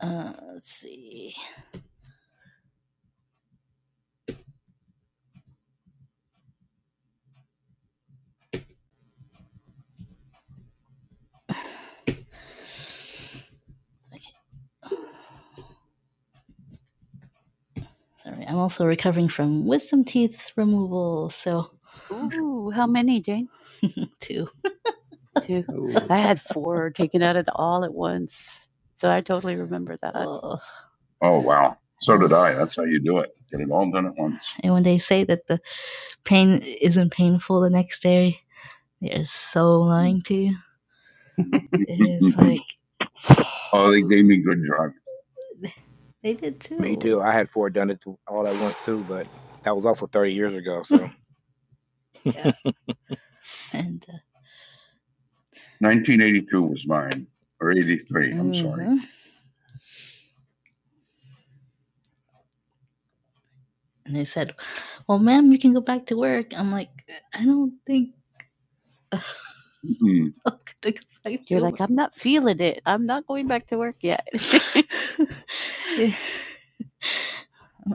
Uh, let's see. Sorry, I'm also recovering from wisdom teeth removal, so Ooh, how many, Jane? two. Two. Ooh. I had four taken out of the, all at once. So I totally remember that. Oh. Oh wow. So did I. That's how you do it. Get it all done at once. And when they say that the pain isn't painful the next day, they're so lying to you. It is like oh, they gave me good drug. They did Me too. too. I had four done it all at once too, but that was also 30 years ago. So Yeah. And uh, 1982 was mine, or 83. I'm sorry. hmm And they said, "Well, ma'am, you can go back to work." I'm like, "I don't think mm I'm gonna go back You're to like, work." I'm not feeling it. I'm not going back to work yet. Yeah.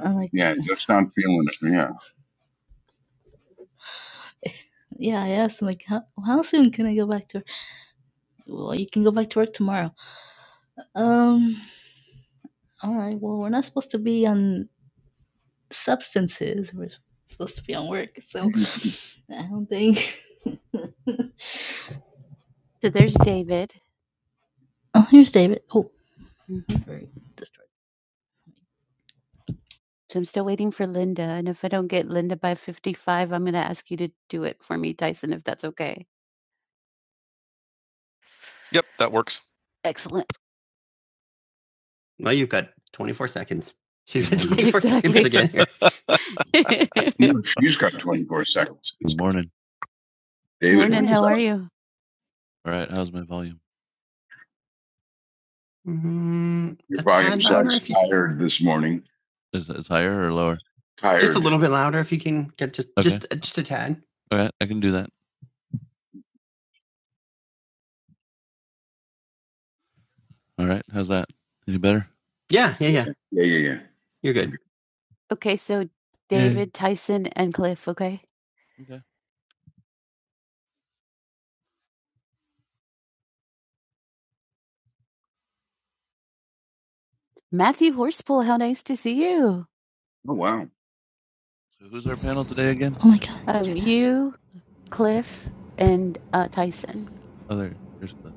I'm like, Yeah, just not feeling it. Yeah. "Yeah." I asked him, like, how, "How soon can I go back to work?" Well, you can go back to work tomorrow. Um, All right. Well, we're not supposed to be on substances. We're supposed to be on work. So I don't think. So there's David. oh, here's David. Oh, Mhm. very destroyed. So I'm still waiting for Linda. And if I don't get Linda by 55, I'm going to ask you to do it for me, Tyson. if that's okay. Yep, that works. Excellent. Well, you've got 24 seconds. She's got 24 Exactly. seconds again. Here. She's got 24 seconds. Good morning. David, Morning. How are you? Alright, how's my volume? Mhm, Your a volume tad louder sounds if you tired this morning. Is it's higher or lower? Just a Tired. little bit louder if you can get just Okay. just just a tad. Alright, I can do that. Alright, how's that? Any better? Yeah, yeah, yeah. Yeah, yeah, yeah. You're good. Okay, so Yeah. David, Tyson, and Cliff, okay? Okay. Matthew Horspool, how nice to see you. Oh wow. So who's our panel today again? Oh my god. Um, you, Cliff, and uh, Tyson. Oh there, there's Cliff.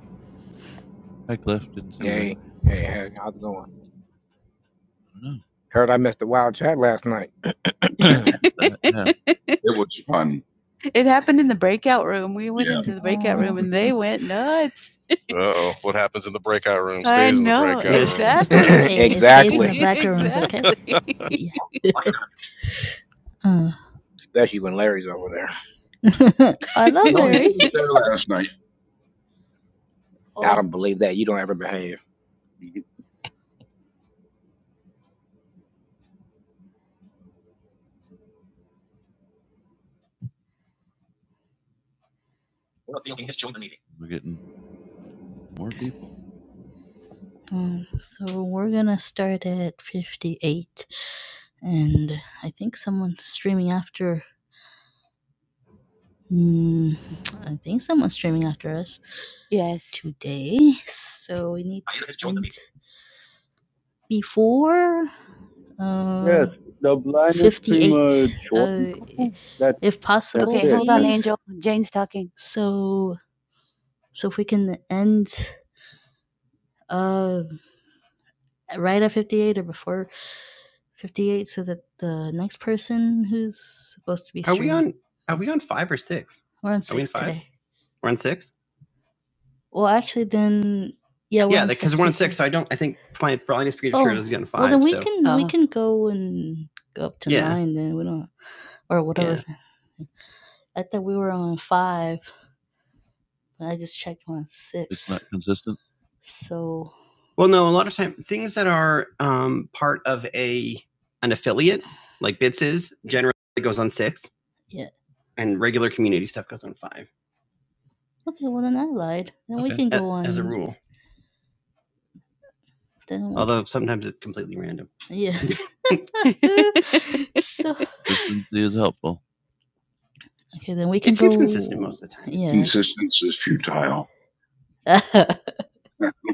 Hi, Cliff. Didn't see hey, you. Hey, hey, hey, how's it going? No. Heard I missed the wild chat last night. yeah. It was fun. It happened in the breakout room. We went Yeah. into the breakout room and they went nuts. Oh, what happens in the breakout room stays I know, in the breakout room. exactly. It's exactly. okay. Exactly. Especially when Larry's over there. I love No, Larry. last night. I don't believe that. You don't ever behave. We're getting more people. Um, so we're gonna start at 58, and I think someone's streaming after. Mm, I think someone's streaming after us Yes. today, so we need Ah, to end before uh Yes, the blinded streamer 58. Jordan. Uh, i- That if that's possible, Okay, it. hold on, please. Angel. Jane's talking. So, so if we can end uh right at 58 or before 58 so that the next person who's supposed to be streaming. Are we on? Are we on five or six? we're on six are we 6 five? today. We're on six. Well, actually then yeah, we're yeah, because we're on six, so I don't. I think my Brilliant Spirit Oh, is getting five. well, then we so. can uh, we Oh. can go and go up to Yeah. 9 then we don't or whatever. Yeah. I thought we were on 5 but I just checked one six. It's not consistent. So Well, no, a lot of times, things that are um, part of a an affiliate, like Bits is, generally goes on six. Yeah. And regular community stuff goes on five. okay, well then I lied. Then okay. we Okay. can go on as a rule. Then Although sometimes it's completely random. yeah. so Consistency is helpful. okay, then we can It's, go. it's consistent most of the time. Yeah. Consistency is futile.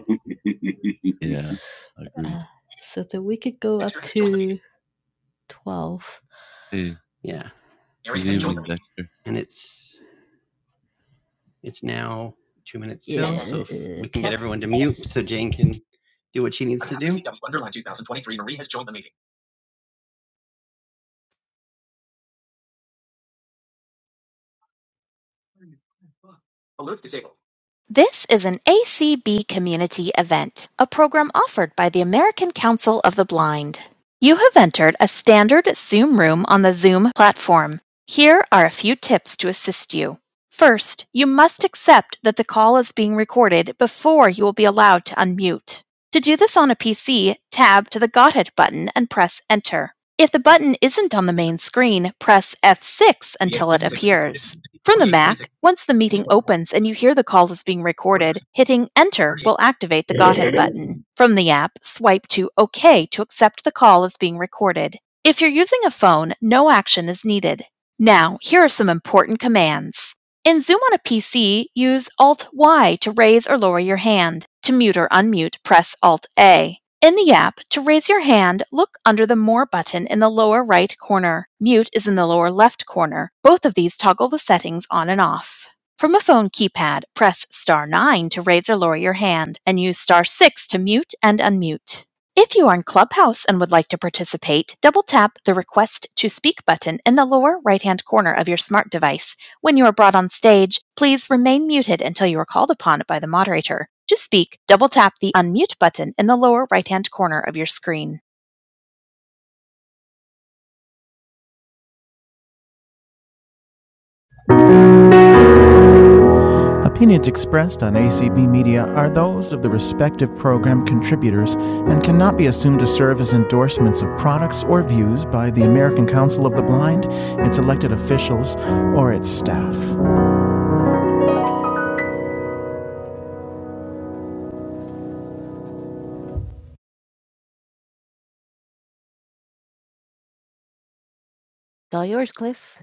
Yeah, I agree. Uh, so that we could go up to 12. Hey, Yeah. good evening, Dexter. And it's it's now two minutes till, Yeah, so if uh, we can get everyone to mute so Jane can do what she needs to do. Underline two thousand twenty-three. Marie has joined the meeting. Alerts disabled. This is an ACB community event, a program offered by the American Council of the Blind. You have entered a standard Zoom room on the Zoom platform. Here are a few tips to assist you. First, you must accept that the call is being recorded before you will be allowed to unmute until it appears. From the Mac, once the meeting opens and you hear the recorded, Enter will activate the Godhead button. To raise your hand, under the More button in the lower right corner. Mute is in the lower left corner. Both of these toggle the settings on and off. From a phone keypad, press star 9 to raise or lower your hand and use star 6 to mute and unmute. If you are in Clubhouse and would like to participate, double tap the Request to Speak button in the lower right hand corner of your smart device. When you are brought on stage, please remain muted until you are called upon by the moderator. To speak, double tap the Unmute button in the lower right hand corner of your screen. It's all yours, Cliff.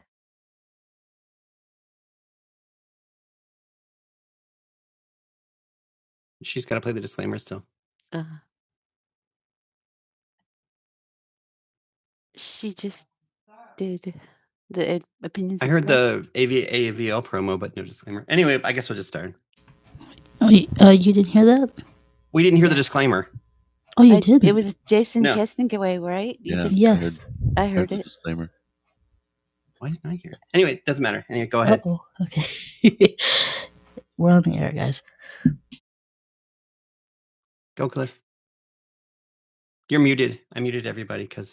She's got to play the disclaimer still. Uh, she just did the ed- opinions. I heard the A V A V L promo, but no disclaimer. Anyway, I guess we'll just start. Oh, you, uh, you didn't hear that? We didn't hear the disclaimer. Oh, you did. It was Jason No. away, right? You Yeah. just- yes. I heard I heard it. Disclaimer. Why didn't I hear it? Anyway, it doesn't matter. Anyway, go ahead. Uh-oh. Okay. We're on the air, guys. Go, Cliff. You're muted. I muted everybody because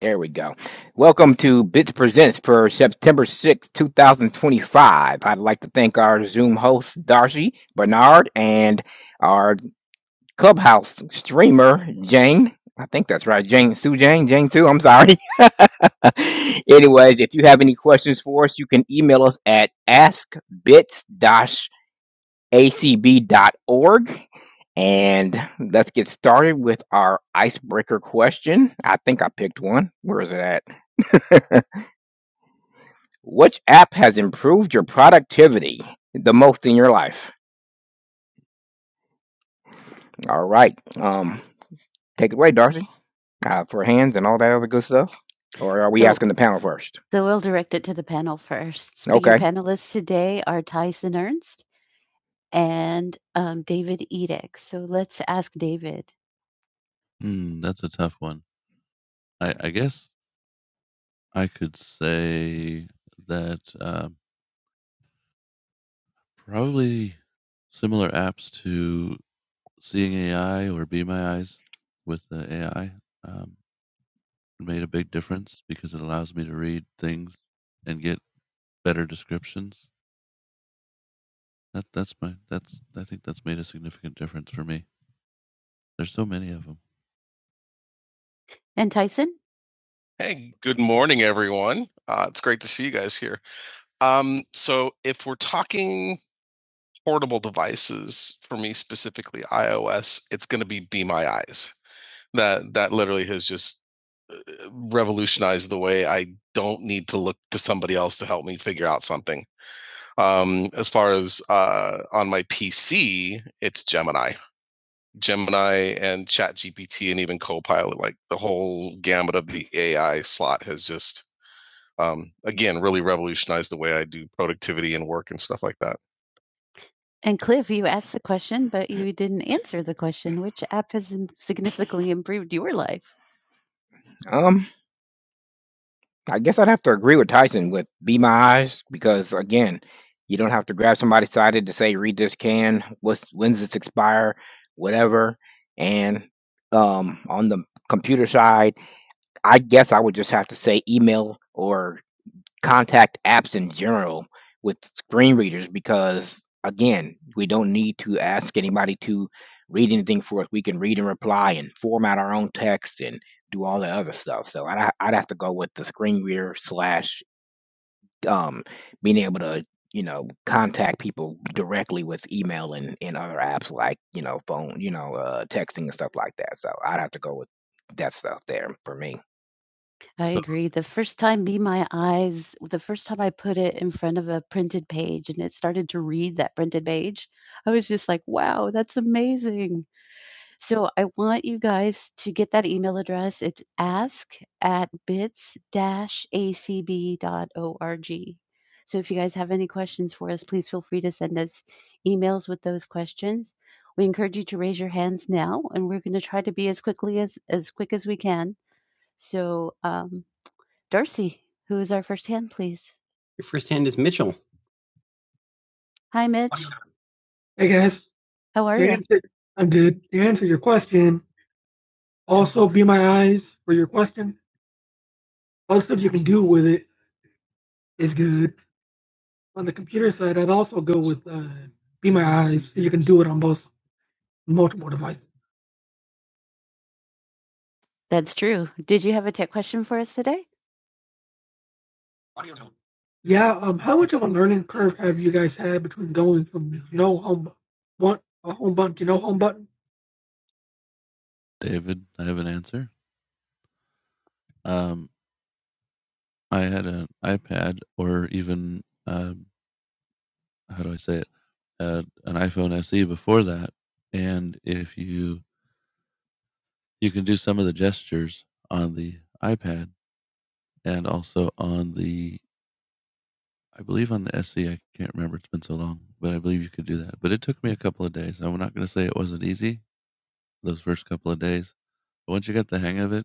There we go. Welcome to Bits Presents for September sixth, 2025. I'd like to thank our Zoom host, Darcy Bernard, and our Clubhouse streamer, Jane. I think that's right, Jane, Sue Jane, Jane Sue, I'm sorry. Anyways, if you have any questions for us, you can email us at askbits acb.org. And let's get started with our icebreaker question. I think I picked one. Where is it at? Which app has improved your productivity the most in your life? All right. Um, take it away, Darcy, uh, for hands and all that other good stuff. Or are we So, asking the panel first? so we'll direct it to the panel first. Speaking Okay. panelists today are Tyson Ernst and um, David Edick. So let's ask David. Hmm, that's a tough one. I, I guess I could say that uh, probably similar apps to Seeing AI or Be My Eyes with the AI um, made a big difference because it allows me to read things and get better descriptions. That that's my that's I think that's made a significant difference for me. There's so many of them. And Tyson? Hey, good morning, everyone. Uh, it's great to see you guys here. Um, so, if we're talking portable devices for me specifically iOS, it's going to be Be My Eyes. That that literally has just uh, revolutionized the way I don't need to look to somebody else to help me figure out something. Um, as far as uh, on my PC, it's Gemini, Gemini, and ChatGPT, and even Copilot. Like the whole gamut of the AI slot has just um, again really revolutionized the way I do productivity and work and stuff like that. And Cliff, you asked the question, but you didn't answer the question. Which app has im- significantly improved your life? Um, I guess I'd have to agree with Tyson with Be My Eyes because again, you don't have to grab somebody's cited to say read this can, what's when's this expire, whatever. And um on the computer side, I guess I would just have to say email or contact apps in general with screen readers because again, we don't need to ask anybody to read anything for us. We can read and reply and format our own text and do all the other stuff. So I'd ha- I'd have to go with the screen reader slash um being able to you know contact people directly with email and, and other apps like you know phone you know uh texting and stuff like that so i'd have to go with that stuff there for me I But agree. The first time "Be My Eyes" the first time I put it in front of a printed page and it started to read that printed page, I was just like, "Wow, that's amazing." So I want you guys to get that email address. It's ask at bits acb dot org. So if you guys have any questions for us, please feel free to send us emails with those questions. We encourage you to raise your hands now, and we're gonna try to be as quickly as as quick as we can. So, um Darcy, who is our first hand, please. Your first hand is Mitchell. Hi, Mitch. Hey guys. How are you? You can do both. That's true. Did you have a tech question for us today? Yeah. Um. How much of a learning curve have you guys had between going from no home? What? David, I have an answer. Um, I had an iPad or even uh, how do I say it, uh, an iPhone SE before that, and if you you can do some of the gestures on the iPad, and also on the I believe on the SE, I can't remember, it's been so long, but I believe you could do that. But it took me a couple of days. I'm not gonna say it wasn't easy those first couple of days, but once you got the hang of it,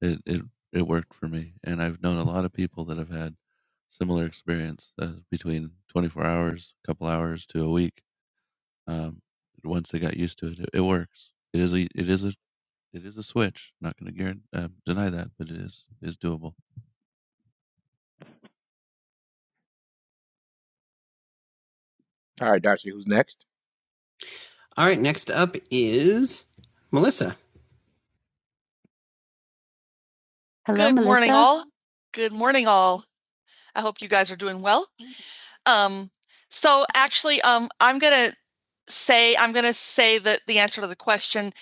it it it worked for me, and I've known a lot of people that have had similar experience uh, between 24 hours, a couple hours to a week. Um, once they got used to it, it, it works. It is a it is a it is a switch. Not going to guarantee, uh, deny that, but it is is doable. All right, Darcy, who's next? All right, next up is Melissa. Hello, Melissa. Good morning, all. Good morning, all. I hope you guys are doing well. Um, so actually, um, I'm gonna say I'm gonna say that the answer to the question,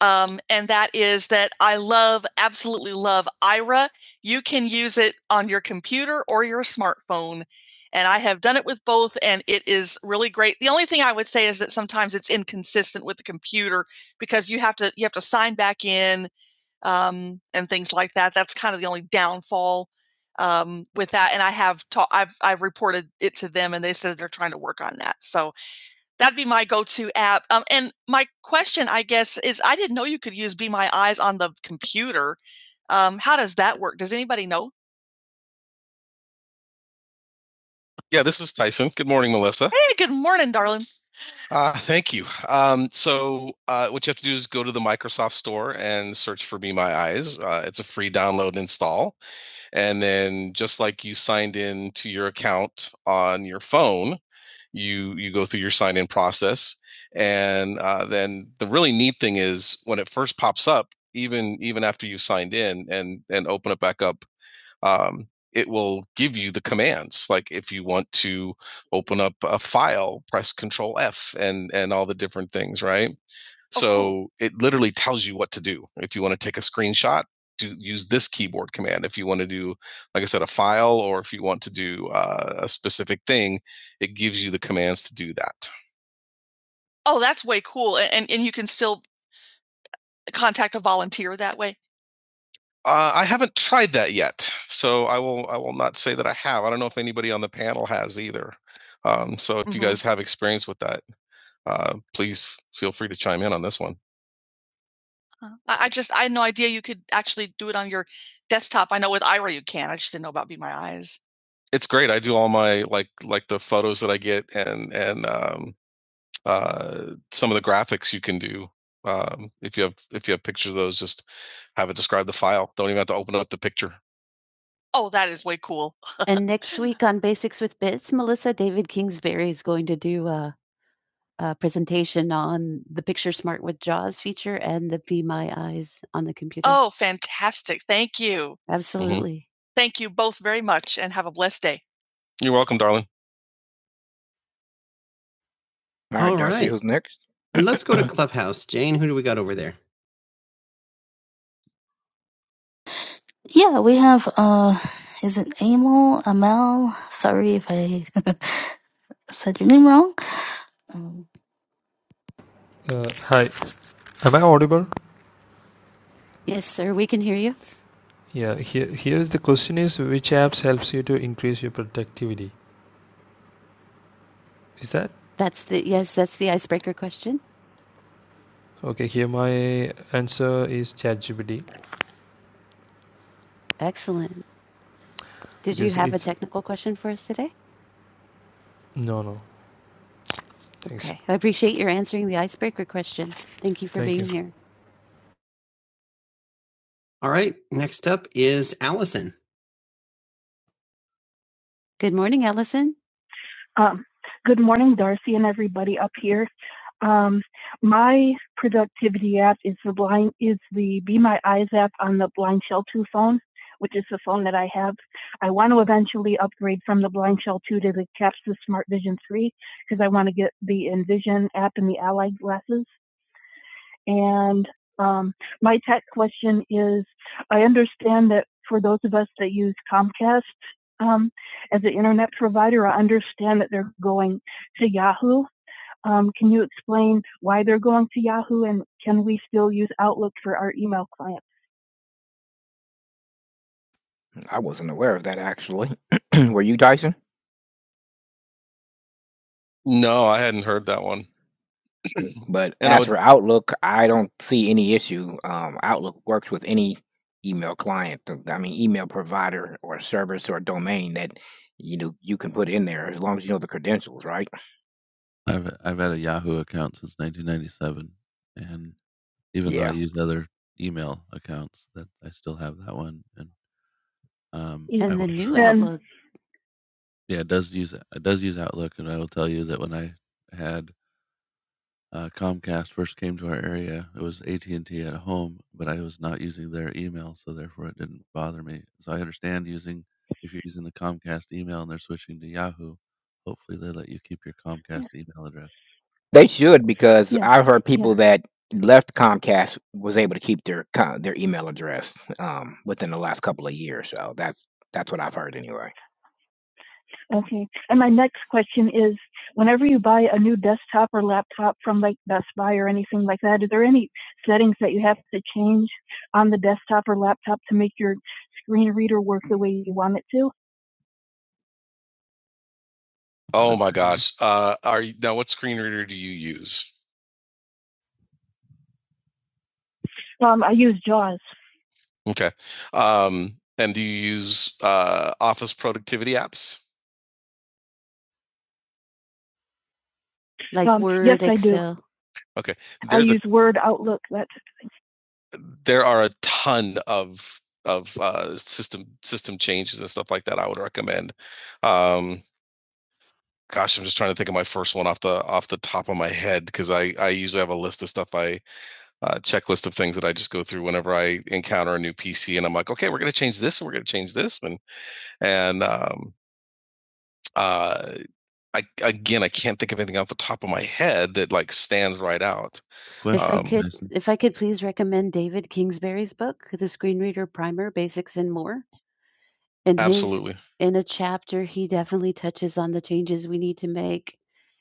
um, and that is that I love, absolutely love Ira. You can use it on your computer or your smartphone, and I have done it with both, and it is really great. The only thing I would say is that sometimes it's inconsistent with the computer because you have to you have to sign back in um, and things like that. That's kind of the only downfall um, with that. And I have ta- I've I've reported it to them, and they said they're trying to work on that. So that'd be my go-to app. Um, and my question, I guess, is I didn't know you could use Be My Eyes on the computer. Um, how does that work? Does anybody know? Yeah, this is Tyson. Good morning, Melissa. Hey, good morning, darling. Uh, thank you. Um, so, uh, what you have to do is go to the Microsoft Store and search for Be My Eyes. Uh, it's a free download and install. And then just like you signed in to your account on your phone, you you go through your sign in process. And uh, then the really neat thing is when it first pops up, even even after you signed in and and open it back up, um, it will give you the commands. Like if you want to open up a file, press Control F and and all the different things, right? Oh, So cool. it literally tells you what to do. If you want to take a screenshot, do use this keyboard command. If you want to do, like I said, a file, or if you want to do uh, a specific thing, it gives you the commands to do that. Oh, that's way cool. And and you can still contact a volunteer that way. Uh, I haven't tried that yet, so I will. I will not say that I have. I don't know if anybody on the panel has either. Um, so if mm-hmm. you hmm guys have experience with that, uh, please feel free to chime in on this one. Uh, I I just I had no idea you could actually do it on your desktop. I know with Ira you can. I just didn't know about Be My Eyes. It's great. I do all my like like the photos that I get and and um uh some of the graphics you can do. Um if you have if you have pictures of those, just have it describe the file. Don't even have to open up the picture. Oh, that is way cool. And next week on Basics with Bits, Melissa David Kingsbury is going to do uh, uh, presentation on the Picture Smart with JAWS feature and the Be My Eyes on the computer. Oh, fantastic. Thank you. hmm Absolutely. Mm-hmm. Thank you both very much and have a blessed day. You're welcome, darling. All right, All now right. who's next. let's go to Clubhouse. Jane, who do we got over there? Yeah, we have uh is it Amel? Amel? Sorry if I said your name wrong. Um, Uh, hi, am I audible? Yes, sir. We can hear you. Yeah, here, here is the question is which apps helps you to increase your productivity? Is that? That's the yes. That's the icebreaker question. Okay, here my answer is ChatGPT Excellent. Did you because have a it's technical question for us today? no no. Thanks. Okay. I appreciate your answering the icebreaker question. Thank you for Thank you. being here. All right. Next up is Allison. Good morning, Allison. Um, good morning, Darcy and everybody up here. Um, my product app is IZAP Line Phone with Raid and um, my for those of us that use com. Um, I wasn't aware of that actually. Were you, Dyson? No, I hadn't heard that one. But And as would for Outlook, I don't see any issue. Um, Outlook works with any email client, I mean, email provider or service or domain that you know you can put in there as long as you know the credentials, right? I've I've had a Yahoo account since 1997, and even though I Yeah. use other email accounts, that I still have that one, and, um, I Even will the will, new And- Outlook. Yeah, it does use it does use Outlook, and I will tell you that when I had, uh, Comcast first came to our area, it was AT&T at home, but I was not using their email, so therefore it didn't bother me. So I understand using if you're using the Comcast email and they're switching to Yahoo, hopefully they let you keep your Comcast email address. They should because Yeah. I've heard people Yeah. that left Comcast was able to keep their co their email address, um, within the last couple of years, so that's that's what I've heard anyway. Okay. And my next question is, whenever you buy a new desktop or laptop from, like, Best Buy or anything like that, are there any settings that you have to change on the desktop or laptop to make your screen reader work the way you want it to? Oh my gosh. Uh, are you now what screen reader do you use? Um, I use JAWS. Okay. Um, and do you use uh, office productivity apps? Like Um, Word, yes, Excel? I do. Excel. I There's a, use a, Word, Outlook. That's there are a ton of of uh, system system changes and stuff like that. I would recommend. Um, gosh, I'm just trying to think of my first one off the off the top of my head because I I usually have a list of stuff I uh, checklist of things that I just go through whenever I encounter a new PC and I'm like, okay, we're gonna change this and we're gonna change this and and um, uh I again I can't think of anything off the top of my head that like stands right out. Cliff, If I Um, could, if I could please recommend David Kingsbury's book, The Screen Reader Primer: Basics and More. In his, Absolutely. in a chapter, he definitely touches on the changes we need to make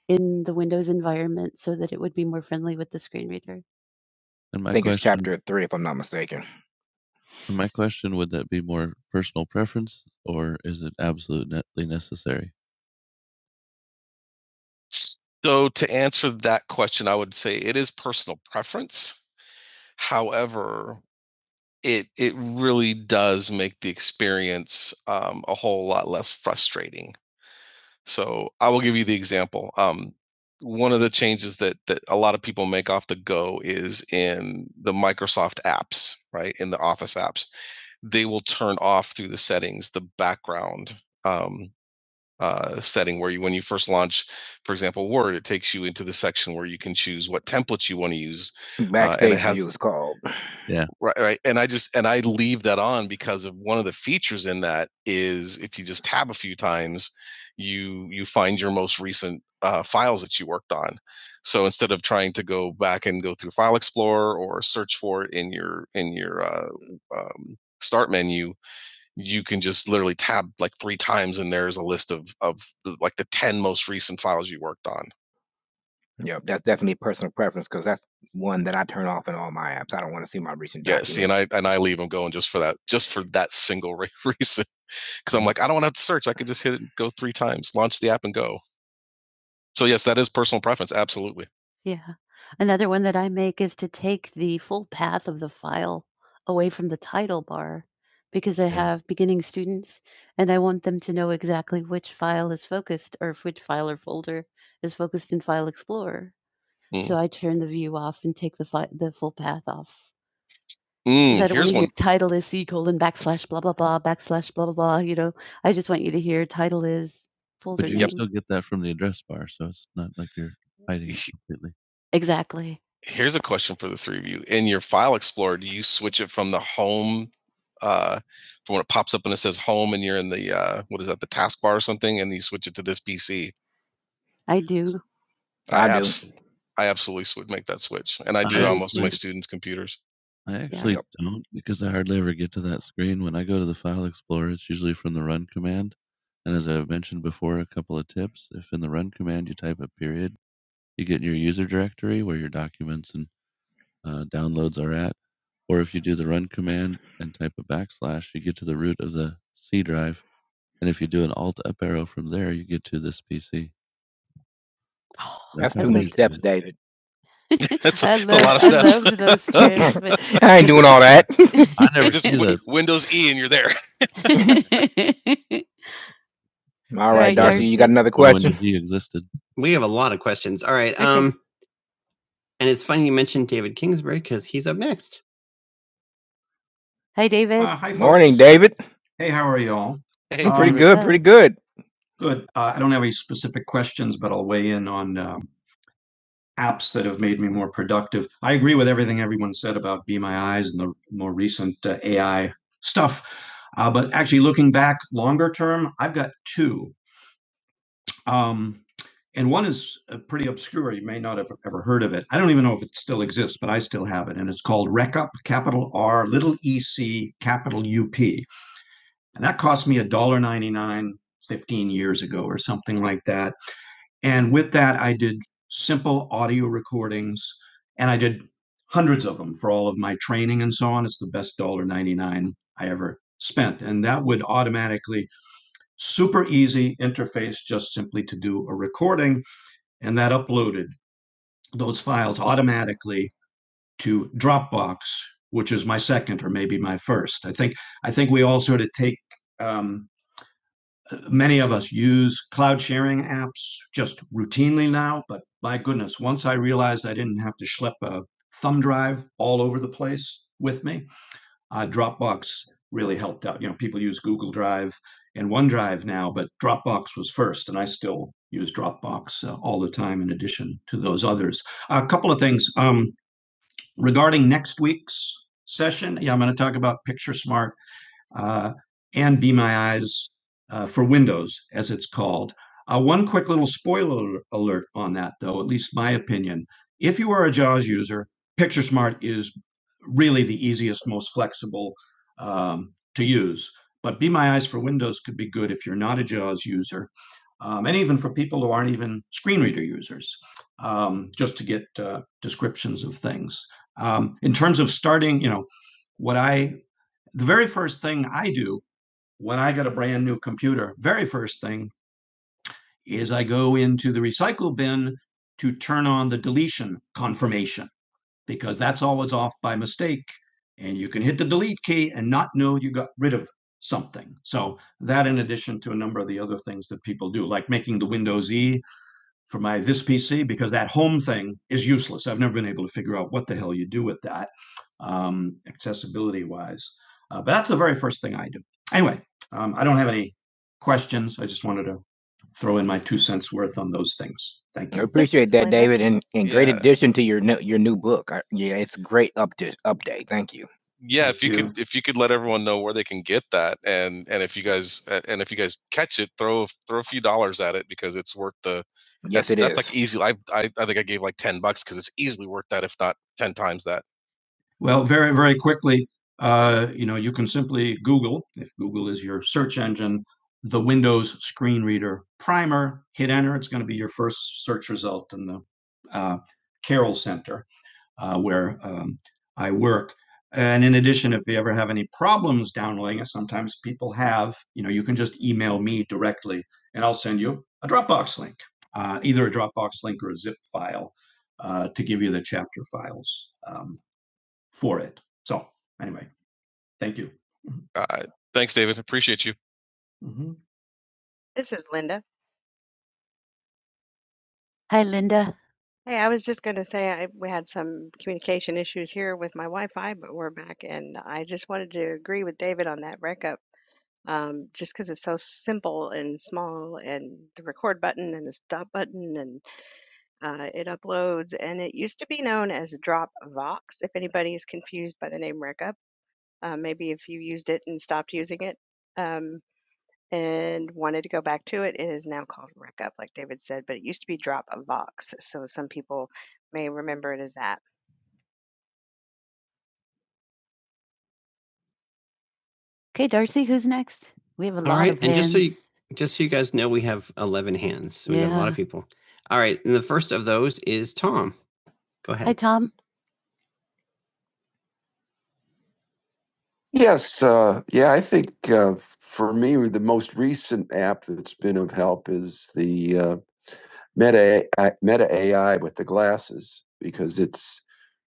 in the Windows environment so that it would be more friendly with the screen reader. And I my think it's question, chapter three, if I'm not mistaken. my question, would that be more personal preference or is it absolutely necessary? So to answer that question, I would say it is personal preference. However, it it really does make the experience um, a whole lot less frustrating. So I will give you the example. Um, one of the changes that that a lot of people make off the go is in the Microsoft apps, right? In the Office apps, they will turn off through the settings the background. Um, uh, setting where you, when you first launch, for example, Word, it takes you into the section where you can choose what templates you want to use. Backstage uh, has- view is called. Yeah, Right, right. And I just and I leave that on because of one of the features in that is if you just tab a few times, you you find your most recent uh, files that you worked on. So instead of trying to go back and go through File Explorer or search for it in your in your uh, um, start menu, you can just literally tab like three times and there's a list of of the, like the 10 most recent files you worked on Yeah, that's definitely personal preference because that's one that I turn off in all my apps. I don't want to see my recent. yeah see and i and i leave them going just for that just for that single re- reason because i'm like i don't want to have to search i could just hit it go three times launch the app and go so yes, that is personal preference, absolutely. Yeah. Another one that I make is to take the full path of the file away from the title bar because I Mm. have beginning students and I want them to know exactly which file is focused or if which file or folder is focused in File Explorer. Mm. So Mm. I turn the view off and take the fi- the full path off. 'Cause I Mm, don't want here's to hear one. title is C colon backslash blah blah blah backslash blah blah blah, you know? I just want you to hear title is folder But you Yep. can Yep. name. still get that from the address bar, so it's not like you're hiding it He- completely. Exactly. Here's a question for the three of you. In your file explorer, do you switch it from the home uh from when it pops up and it says home and you're in the uh what is that, the taskbar or something, and you switch it to this PC? I do. I, I abs- do. I absolutely would make that switch, and I do I on most of my students' computers. I actually yeah. don't because I hardly ever get to that screen. When I go to the file explorer, it's usually from the run command. And as I've mentioned before, a couple of tips. If in the run command you type a period, you get in your user directory where your documents and uh, downloads are at. Or if you do the run command and type a backslash, you get to the root of the C drive. And if you do an alt up arrow from there, you get to this PC. That's how too many steps, David. That's I a love, lot of steps. I those trips, but- I ain't doing all that. I never Just do Windows E and you're there. All right, Right, Darcy, you got another when question? he existed. We have a lot of questions. All right. Okay. Um, and it's funny you mentioned David Kingsbury because he's up next. Hi, David. Uh, hi, Morning, David. Hey, how are y'all? Hey, Um, Pretty good, pretty good. Good. Uh, I don't have any specific questions, but I'll weigh in on um, apps that have made me more productive. I agree with everything everyone said about Be My Eyes and the more recent uh, AI stuff. Uh, but actually, looking back longer term, I've got two. Um, and one is uh, pretty obscure. You may not have ever heard of it. I don't even know if it still exists, but I still have it. And it's called RecUp, capital R, little EC, capital UP. And that cost all or not 50 and did and I did hundreds of them for all 89 ever split automatically those files automatically to many of us use once I realized all the time in addition to those other windows. But if you're not a JAWS user, um, and even for people, this thing I do confirmation off by mistake, and you can hit the delete key and not know you got rid of something. So that in addition to a number of the other things that people do, like making the Windows E for my this PC because I've never been able to figure out what the hell the first thing I do. I Thank you appreciate so that, much. David, and, and great Yeah. addition to your new, your new book. I, yeah, it's a great update. Update. Thank you. yeah Thank if Thank you you. could if you could let everyone know where they can get that and and if you guys uh, and if you guys catch it throw throw a few dollars at it because it's worth the Yes, that's it that's is. like easy I, I i think i gave like 10 bucks because it's easily worth that if not 10 times that Well, very, very quickly, uh, Google if the screen first. Uh, and in addition, if you ever have any problems downloading it, sometimes people have, you know, you can just email. directly, and I'll send you a Dropbox link, uh, either a Dropbox link or a zip file uh, to give you the chapter files um, for it. So, anyway, thank you. Uh, thanks, David. Appreciate you. hmm Hi, Linda. I just roll back to it It is now called Rec Up, like David said, but it used to be Drop. Some people may Okay, Darcy, who's next? We have a All lot right, of and hands. just so you- Just so you guys know, we have 11 hands. So we yeah. have a lot Yeah. of people. All right. And the first of those is Tom. Go ahead. Hi, Tom. Yes, uh, yeah, I think uh, for me, the most recent app that's been is the uh, Meta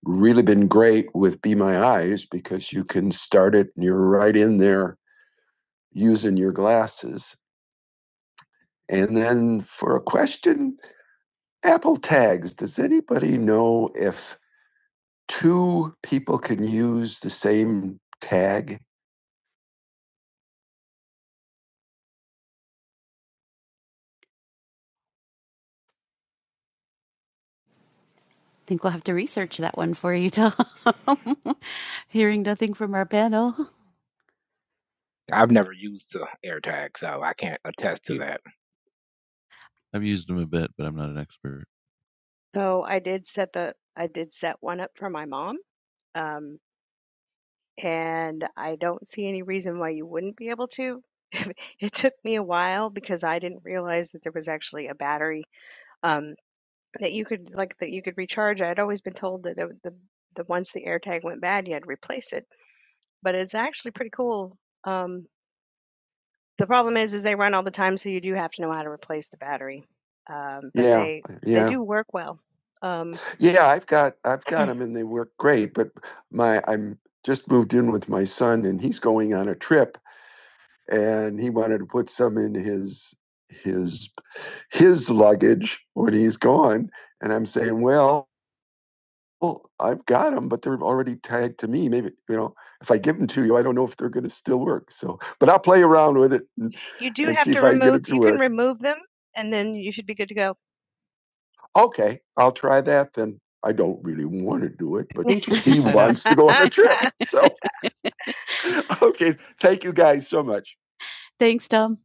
really been great using you for a good Apple TIFF. I think we'll have to research that one for you, Tom. Hearing nothing from our panel. I've never used the AirTag, so I can't attest to Yeah. that. I've used them a bit, but I'm not an expert. and I don't see any reason why you wouldn't be able to. It took me a while because I didn't realize that there was actually a battery. um, That you could like, that you could recharge. I'd always been told that the the the once the AirTag went bad, you had to replace it, but it's actually pretty cool. Um, the problem is, is they run all the time, so you do have to know how to replace the battery. Um, but Yeah, they they yeah. do work well. Um, Yeah, I've got I've got got them and they work great, but my I'm just moved in with my son and he's going on a trip and he wants his one and I'm saying, "Well, tag to me, maybe, you know, if I give them to you, I don't know if they're So, but I'll play around with it and, You do and have to remove, to you work. can remove them and then you should be good to go. I'll try that then. I don't really want to do it, but he wants to go on a trip. So, okay. Thank you guys so much. Thanks, Tom.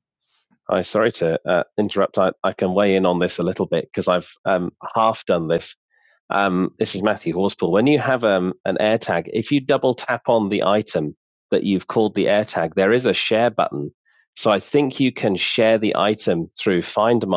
Find them.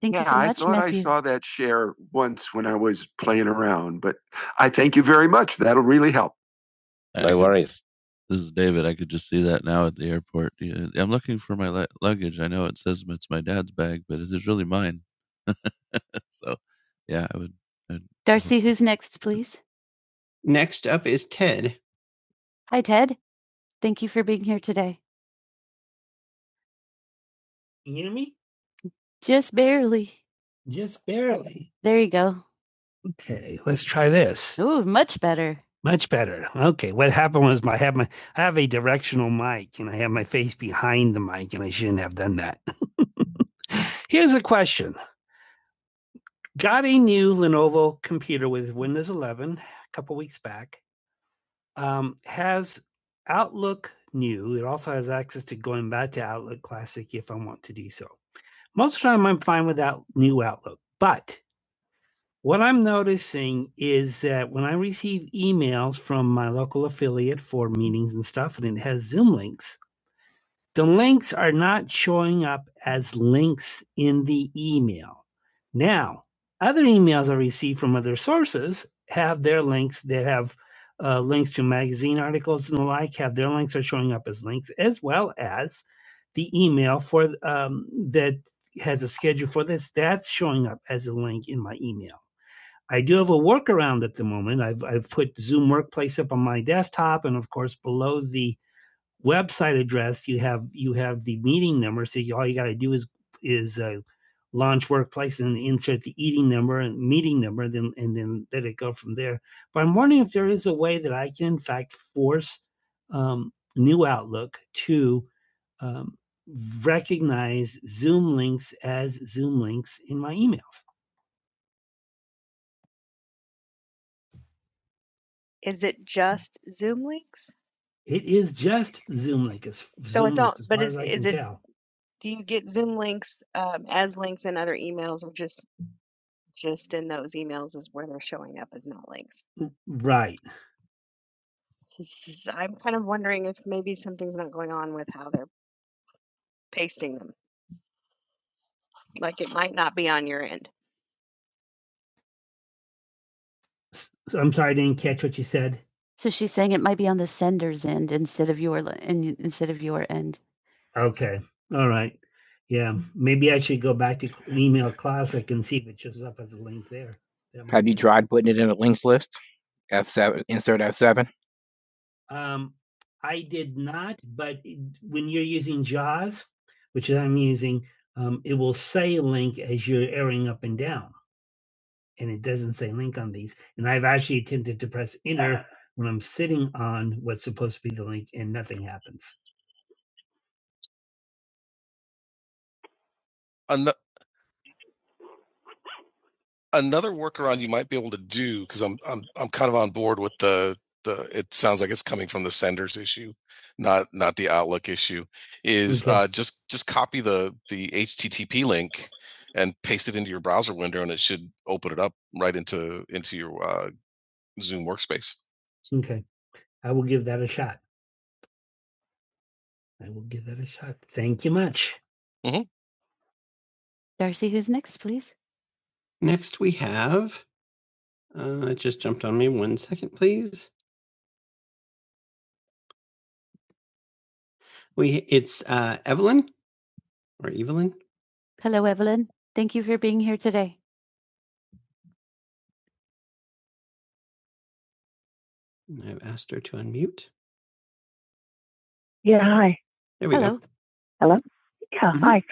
Thank you yeah, you so much, I thought Matthew. I saw that share once when I was playing around, but I thank you very much. That'll really help. No worries. This is David. I could just see that now at the airport. Yeah, I'm looking for my luggage. I know it says it's my dad's bag, but it is really mine. So, yeah, I would I'd definitely Darcy, who's next, please? Next up is Ted. Hi, Ted. Thank you for being here today. Just barely. Just barely. There you go. Ooh, much better. Got a new Lenovo computer with Windows 11 a couple weeks back. Um, has Outlook new. It also has access to going back. To, most of what I'm noticing is that when I'm using stuff and it has Zoom links, are not showing up as links in the email. Now, if links as well as um, that has showing up email. I do a moment Zoom workplace up on my de- web address. You have number, then and then let it go from there. But I'm wondering if there is force um, to um, as email. Is links? So Zoom it's all, but is, is it, tell. do you get Zoom links um, as links in other emails or just, just in those emails is where they're showing up as not links? S- I'm sorry, I didn't catch what you said. So she's saying it might be on the sender's end instead of your li- and instead of your end. Okay. All right. Yeah. Maybe I should email it shows up as a link there. That might Have you be- tried putting it in a links list? F7, insert F7. Um, I did, which I'm using. Um, it was airing up and down. Doesn't another workaround you might be able to do because I'm I'm I'm kind of on board with the the it sounds like it's coming from the senders issue, not not the Outlook issue, is Okay. uh, just just copy the the HTTP link and paste it into your browser window, and it should open it up right into into your uh, Zoom workspace. Okay. I will give that a shot. hmm Darcy, who's next, please? Next, we have. Uh, it just jumped on me. One second, please. We it's uh, Evelyn or Evelyn. Hello, Evelyn. Thank you for being here today. I've asked her to unmute. There we Hello. go. Yeah, Mhm. hi.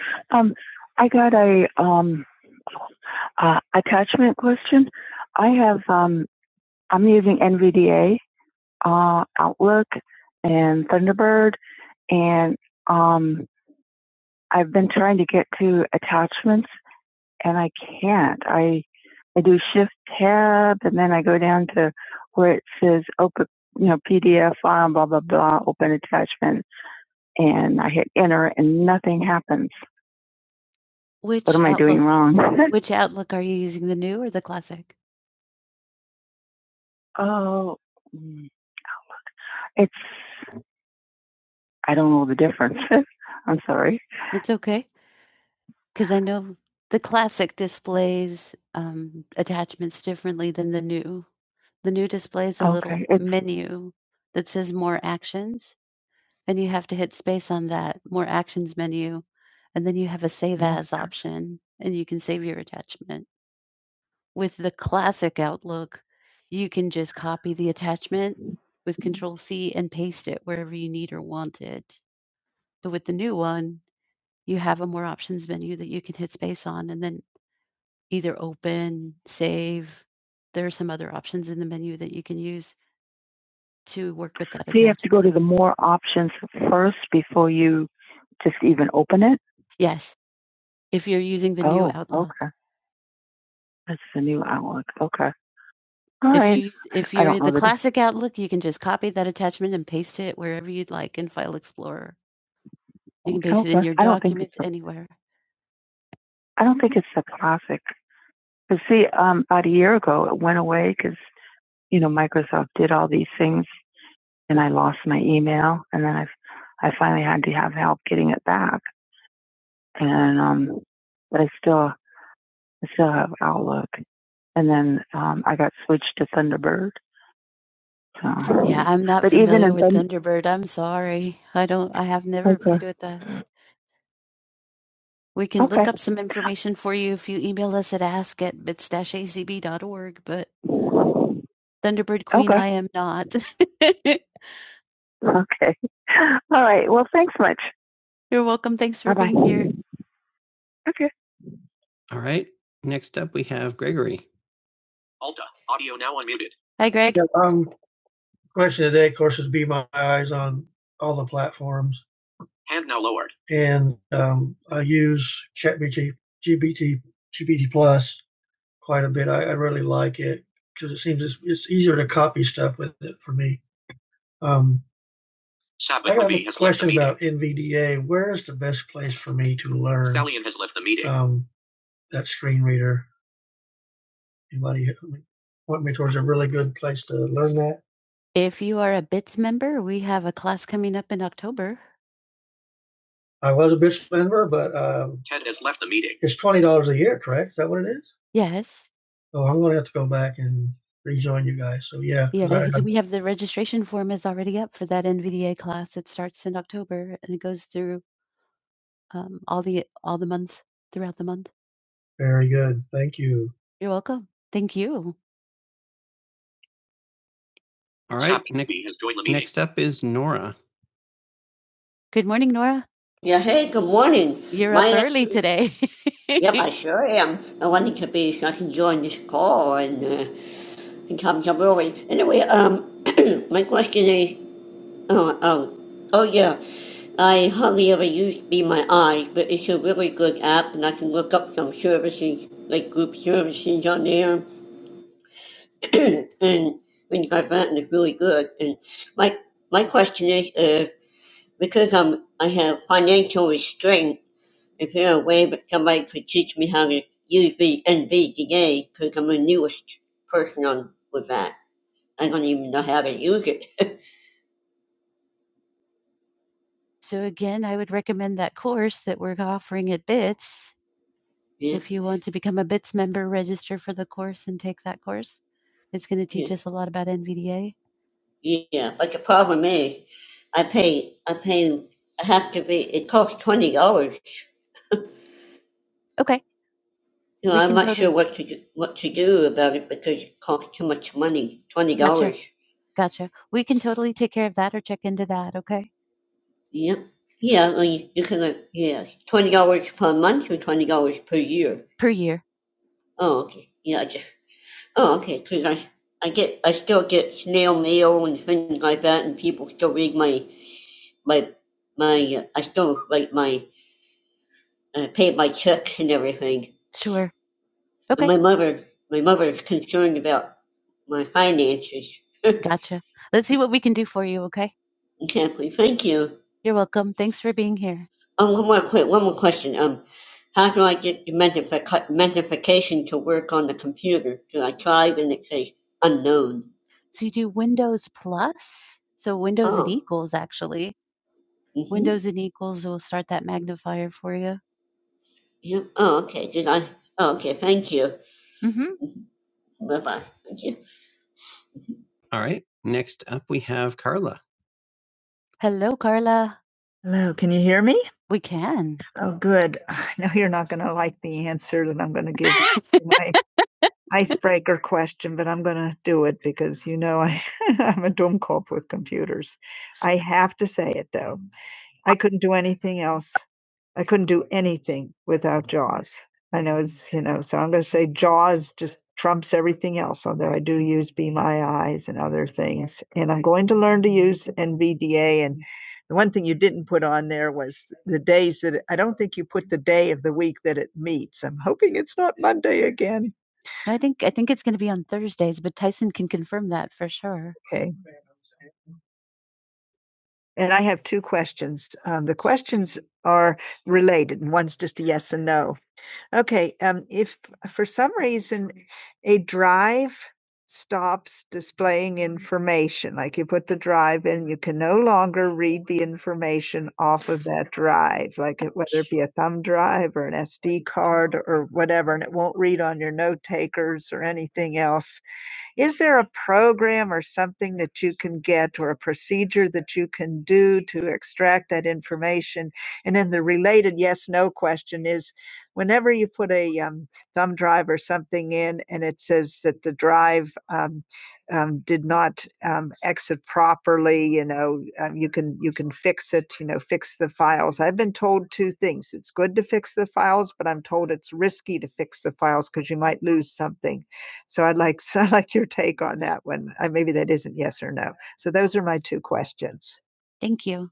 I've been trying to get to attach and I can't. I I do shift tab and then I Which what am Outlook, I doing wrong? Which Outlook are you using, the new or the classic? Oh, mm, it's I don't know the difference. I'm sorry. It's okay because I know the classic displays um, attachments differently than the new. The new displays a little Okay, it's menu that says more actions, and you have to hit space on that more actions menu, and then you have a save as Okay. option, and you can save your attachment. With the classic Outlook, you can just copy the attachment with control C and paste it wherever you need or want it. But with the new one, you have a more options menu that you can hit space on and then either open, save. There are some other options in the menu that you can use. to work with that. Do you have to go to the more options first before you just even open it? Yes, if you're using the new oh, Outlook. okay. That's the new Outlook. Okay. All If right. you if you're in the that it- classic the... Outlook, you can just copy that attachment and paste it wherever you'd like in File Explorer. You can paste okay. it in Okay. your I documents anywhere. And then um, I got switched to Thunderbird. So. Yeah, I'm not But familiar in with Thun- Thunderbird. I'm sorry. I don't I have never okay. played with that. We can look Okay. up some information for you if you email us at ask at bits dash a c b dot org. but Thunderbird Queen, Okay. I am not. You're welcome. Thanks for Bye bye. being here. All right. Next up, we have Gregory. Hi, Greg. Yeah, I have a question about her. Um, If you are a BITS member, we have a class coming up in October. um, Ted has left the meeting. Yes. yeah, Yeah, I- because we have the registration form is already up for that NVDA class. It starts in October and it goes through um, all the all the month throughout the month. You're welcome. Thank you. All right. Shopping Next, has joined the meeting. next up is Nora. Good morning, Nora. Yeah, hey, good morning. You're up My name, early today. yep, I sure am. I wanted to be so I can join this call and uh, and come up early. Anyway, um, my question is, oh, oh, oh yeah, I hardly ever use Be My Eyes, but it's a really good app, and I can look up some services like group services on there and things like that, and it's really good. So again, I would recommend that course that we're offering at BITS. Mm. If you want to become a BITS member, register for the course and take that course. It's going to Yeah. teach yeah. us a lot about NVDA. Okay, No, I'm not go to sure what to do, what to do about it because it costs too much money, twenty gotcha, dollars. gotcha. gotcha. We can totally take care of that or check into that. Okay, I per year. I pay my checks and everything. Sure. And Okay, But my mother, my mother is concerned about my finances. gotcha. Let's see what we can do for you. Okay. Kathy, thank you. You're welcome. Thanks for being here. Um, one more quick, one more question. Um, I get the mentific- to work on the computer. Do I tried and it says, un- So you do Windows Plus. So Windows and oh, equals actually. hmm Windows and equals will start that magnifier for you. Yeah. Oh, okay. Did I? Oh, okay. Thank you. hmm Bye bye. Thank you. All right. Next up, we have Carla. Hello, Carla. We can. Not gonna like the answer that I'm gonna give you a breaker question, but I'm gonna do it because you know I, I'm a dumb cop with computer anything else. I couldn't do anything again. I think I think it's gonna be on Thursdays, but Tyson can confirm that for sure. Okay. And I have two questions. Um, the questions are related, and one's just a yes. Um, if a drive for me, like you put the drive, like it- whether it be a thumb drive or an SD card or what won't read on your note takers or anything else, Is there a program or something that you can get or a procedure that you can do to extract that information? And then the related yes no question is whenever you put a um, thumb drive or something in and it says that the drive um, um, did not um, exit properly. You know, um, you can you can fix it. You know, fix the files. I've been told two things: it's good to fix the files, but I'm told it's risky to fix the files because you might lose something. So I'd like so I'd like your take on that one. Uh, maybe that is my two questions. Thank you.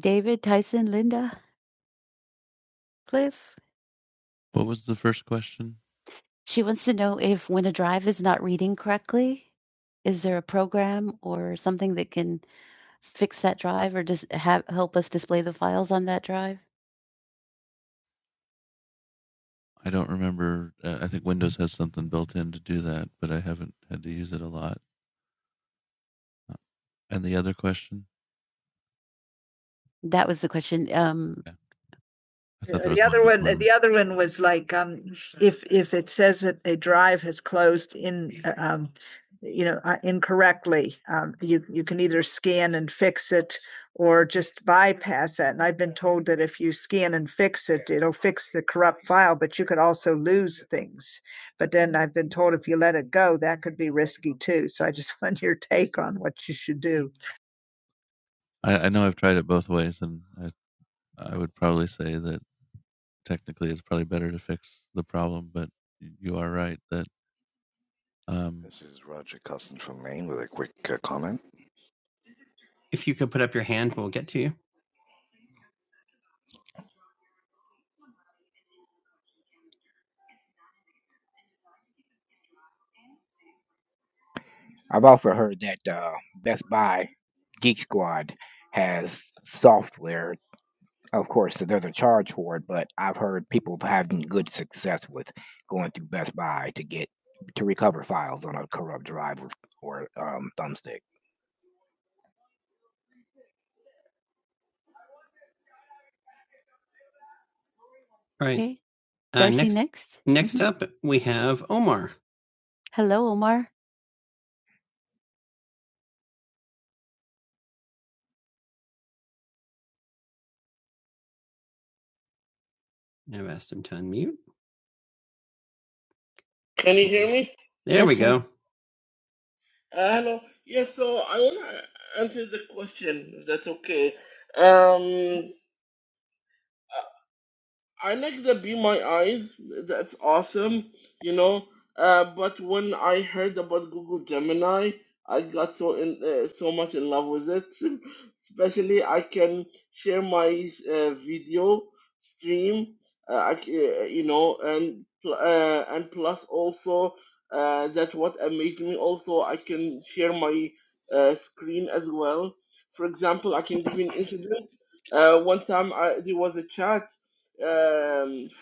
David, Tyson, Linda, Cliff. What was the first question? She wants to know if when a drive is not reading correctly, is there a program or something that can fix that drive or just have help us display the files on that drive? I don't remember. Uh, I think Windows has something built in to do that, but I haven't had to use it a lot. Uh, And the other question? That was the question. Um, Yeah. I thought Uh, there was The other more one, than the other uh, uh, incorrectly, um, you, you scan and fix it or just bypass that. And I've been told I, I know I've tried it both ways, and I I would probably say that technically it's probably better to fix the problem, but y- you are right that um, This is Roger Cousins from Maine with a quick uh, comment. If you could put up your hand, we'll get to you. I've also heard that uh, Best Buy Geek Squad has software. Of course, there's a charge for it, but I've heard people having good success with going through Best Buy to get to recover files on a corrupt drive or, or um, thumbstick. All Right. Okay. Uh, Darcy next, next. next up, we have Omar. Hello, Omar. I've asked him to unmute. There Yes, we sir. go. Sir. Uh, hello. Yes, so I want to answer the if that's okay. Um, that's um, when I'm not I can share and uh, and plus also uh, that what amazed me also I can share my uh, screen as well. For example, I can give you an incident. Uh, one time I, there was a chat. Uh,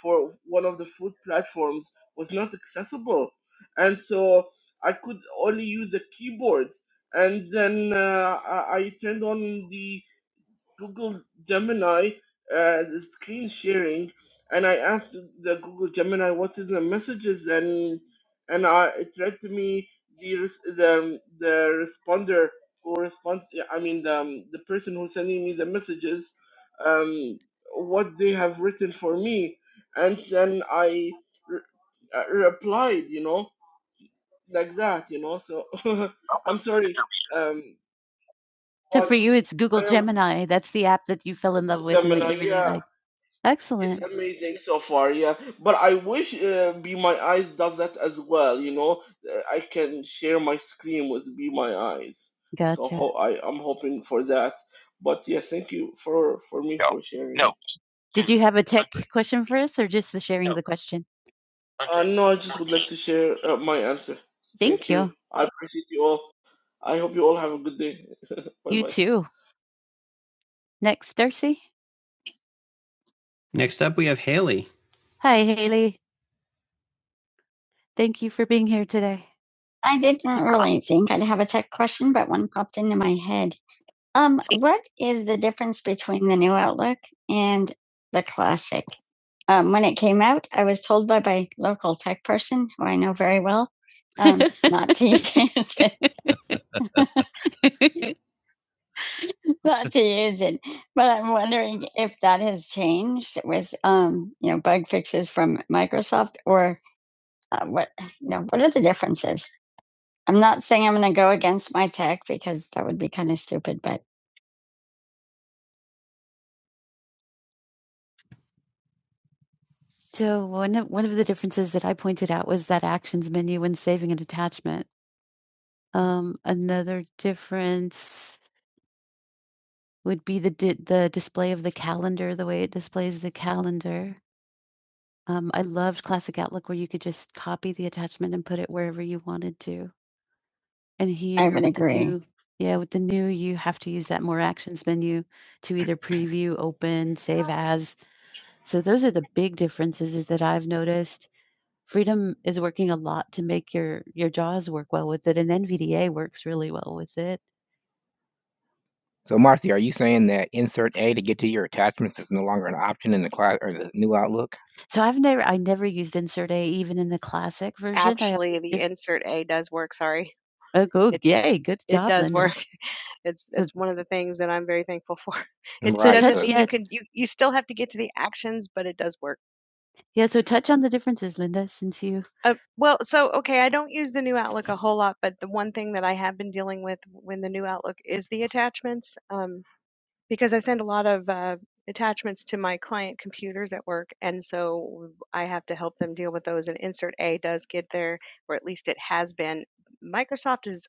for one of the food platforms was not accessible, and so I could only use the keyboard. And then uh, I, I turned on screen sharing, and I asked the Google Gemini what is the messages, and and I, it read to me the res- the the responder who respond. I mean the um, the person who's sending me the messages, um, what they have written for me, and then I re- uh, replied, you know. like that, you know. So I'm sorry. Um, So all for all you, it's Google I am Gemini. That's the app that you fell in love with and that Gemini. you really Yeah, like. it's Excellent. amazing so far. Yeah, but I wish uh, Be My Eyes does that as well. You know. Eyes. So Gotcha. ho- I thank you for for me No, for sharing. No. Did you have a tech agree. question for us or just the sharing of No, the question? Uh, agree. no, I just would like to share uh, my answer. Thank Thank you. you. I appreciate you all. I hope you all have a good day. bye You bye. too. Next, Darcy. Next up, we have Haley. Hi, Haley. Thank you for being here today. Um, not team, not team or uh, what? No, I'm not saying I'm going to go against my tech because that would. so one of, one of the differences that I pointed out was that actions menu when saving an attachment. Um, another difference would be the di- the display of the calendar, the way it displays the calendar. Um, I loved Classic Outlook where you could just copy the attachment and put it wherever you wanted to. And I here would with the agree. new yeah, with the new, you have to use that More Actions menu to either preview, open, save as. So those are the big differences is that I've noticed. Freedom is working a lot to make your your JAWS work well with it, and NVDA works really well with it. So Marcy, are you saying that insert A to get to your attachments is no longer an option in the class or the new Outlook? So I've never I never used insert A even in the classic version. I Actually, the if insert A does work. Sorry. oh go It yay, good it job, does Linda. work. It's So it's one of the things that I'm very thankful for. It so Right. touch doesn't touch, So you yeah, can you, you still have to get to the actions, but it does work. yeah, so touch on the differences, Linda, since you Uh, well, so okay, I don't use the new Outlook a whole lot, but the one thing that I have been dealing with when the new Outlook is the attachments. Um, because I send a lot of uh, attachments to my client computers at work, and so I have to help them deal with that. A does get there, or at least it has been. Microsoft is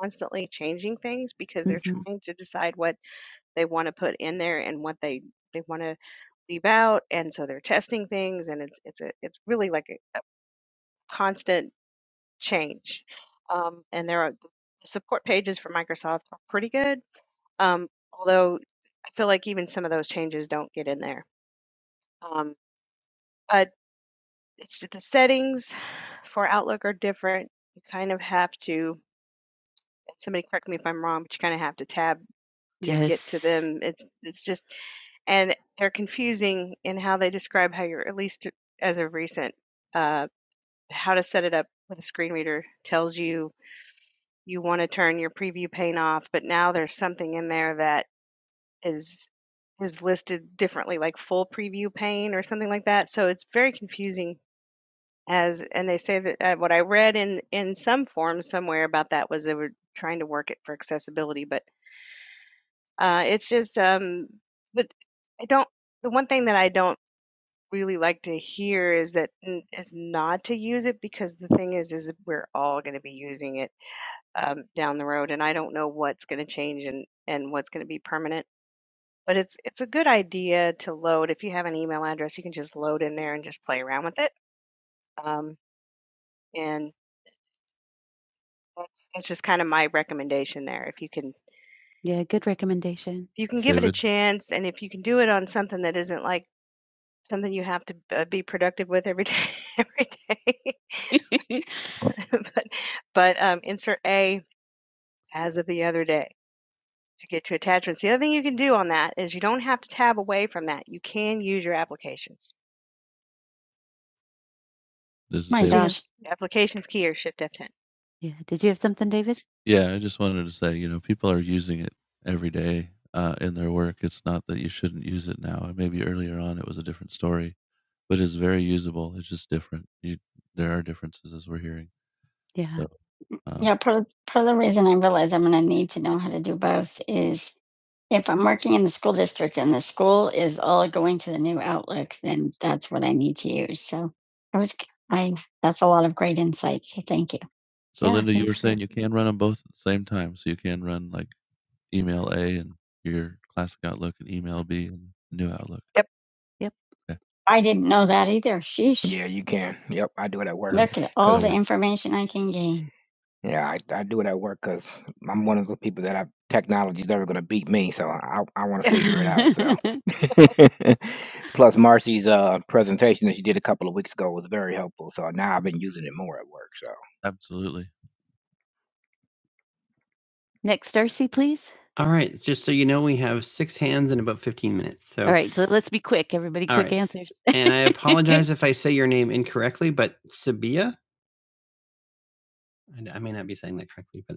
constantly changing things because they're hmm trying to decide. Our Outlook are different. You kind of have to to get to Yes. them. Th- Uh, what I read, Yeah, good recommendation. you can give it a David, chance. That is, you have to tab away. That you can this is My use David. change gosh. the Application. Yeah. Did you have something, David? Yeah, I just wanted to say, you know, people are using it every day uh, in their work. It's not that you shouldn't use it now. Maybe earlier on it was a different story, but it's very usable. It's just different. You, there are differences as we're hearing. Yeah. So, um, Yeah, part of, part of the reason I realize I'm going to need to know how to do both is if I'm working in the school district and the school is all going to the new Outlook, then that's what I need to use. So I was, I, that's a lot of great insight. So thank you. So, Yeah, Linda, you were thanks for saying you can run them both at the same time, so you can run, like, email A and your classic Outlook and email B and new Outlook. Yep. Yep. Okay. No, that. Yeah, you can. Yep, I do it at work. Yeah. Look at all the Cause infor yeah, I, I do it at work because I'm one of those people that I technology's never gonna beat me, so I I want to figure it out. So plus Marcy's uh presentation that she did a couple of weeks ago was very helpful. So now I've been using it more at work. So Absolutely. Next, Darcy, please. All right. Just so you know, we have six hands in about 15 minutes. All So, right, so let's be quick. Everybody, all quick right. answers. And I apologize if I say your name incorrectly, but Sabia, I, I may not be saying that correctly, but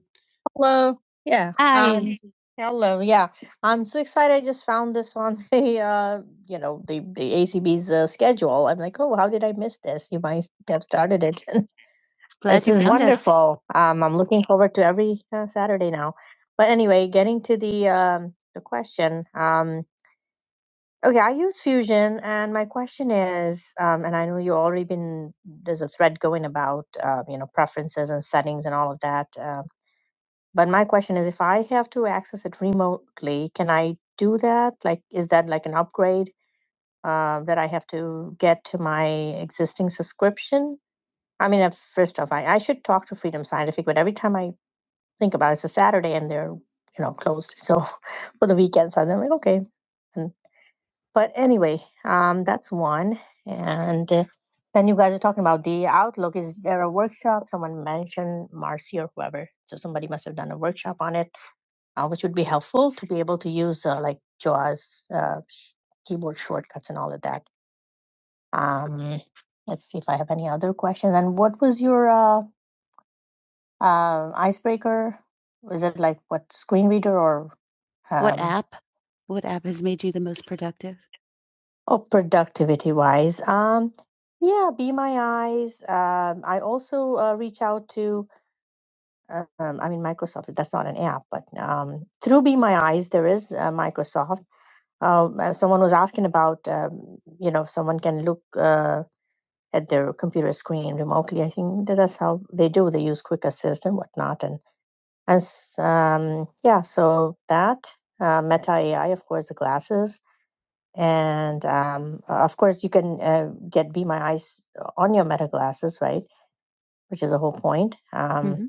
Hello. Yeah. Hi. Um, hello. Yeah. I'm so excited. I just found this on the uh, you know, the the ACB's uh, schedule. I'm like, oh, how did I miss this? You might have started it. Glad this you is found us. wonderful. Um, I'm looking forward to uh, Saturday now. But anyway, getting to the um the question. confusion and my there's a thread going about uh, you know preferences and settings and if i have to access it like is that like an upgrade uh, that i have to get to my existing subscription i mean uh, first off I, I should talk to freedom scientific but every time i think about it it's a saturday and they're you know closed so for the weekend so i'm like okay but anyway um one and uh, then you guys are talking about the outlook is there a workshop someone mentioned marcy or whoever so somebody must have done a workshop on it uh, which would be helpful to be able to use uh, like JAWS uh, sh- keyboard shortcuts and all of that. Um, let's see if I have any other questions. And what was your, uh, is it like what? What Um, app? What app has made you the most productive? be my eyes. Um, I also uh, reach out to, um, I mean, Microsoft. That's not an app, but um, be my eyes. There is uh, Microsoft. Um, Uh, someone was asking about, uh, you know, if someone can look uh, their screen. That's how they do. They use Quick Assist and whatnot, and And s- um, yeah, so and this is hmm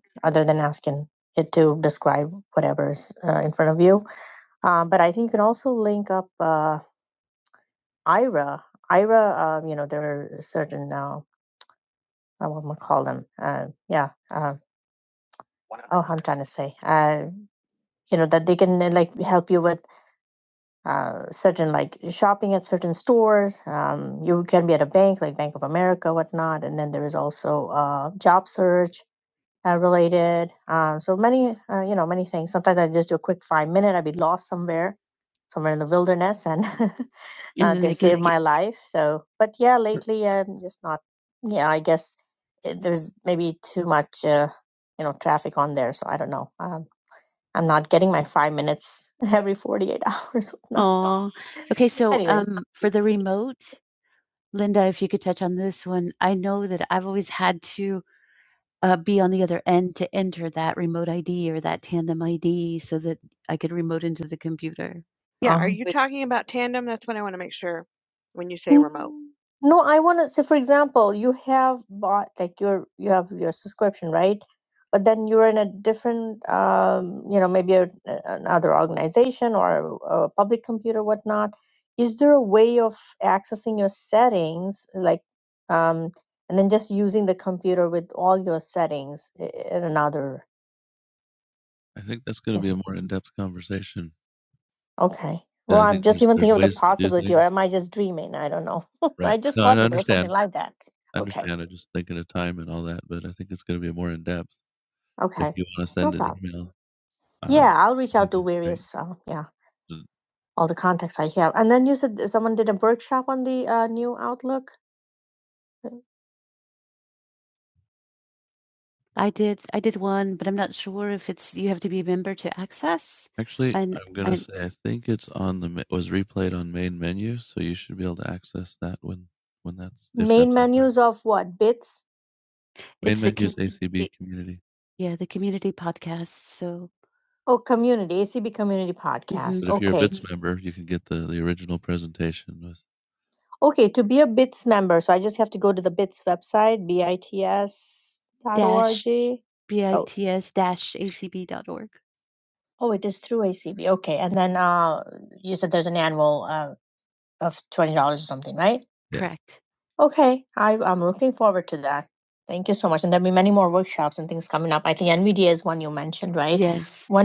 Oh, I'm trying to. And Uh, then they again, save I my life. Yeah, I'm just not. Yeah, I guess it, there's maybe too much, uh, you know, traffic on there. So I don't know. Um, I'm not getting my five minutes every 48 hours. No. Oh, okay. So, Anyway. um, for the remote, Linda, if you could touch on this one, I know that I've always had to uh, be on the other end to enter that remote ID or that tandem ID so that I could remote into the computer. yeah are uh you stay remote. No, I want to say, for example, you have bought like your you have your subscription, right? But then you're in a different, um, you know, maybe a, a- another organization or a, a public computer, whatnot. Is there a way of accessing your settings, like, um, and then just using the computer with all your settings i- in another? I think that's going to be a more in-depth conversation. Okay. Yeah, Well, Yeah, I I'm think just there's even there's thinking of the ways to do possibility or things. Right. I Right. just No, I thought that there was understand. something like that. I Okay. understand. I'm just thinking of time and all that, but I think it's gonna be more in-depth. If Okay. you wanna No send an problem. email, uh, Yeah, I'll reach that'd out that'd to be great. various. Uh, Mm. I did I did one, but I'm not sure if it's you have to be a member to access. Actually, And I'm gonna and say I think it's on the me was replayed on main menu, so you should be able to access that when when that's if Main that's okay. menus of what? Bits? Main it's the menu com- ACB the community. yeah, the community podcast. So podcast. But if you're a Okay. BITS member, you can get the, the original presentation with Dot Dash. org. Oh, bits dash A C B dot org a c b. Okay. And then uh, you said there's an annual uh, of $20 or something, right? Yeah. Correct. Right. Yes. When-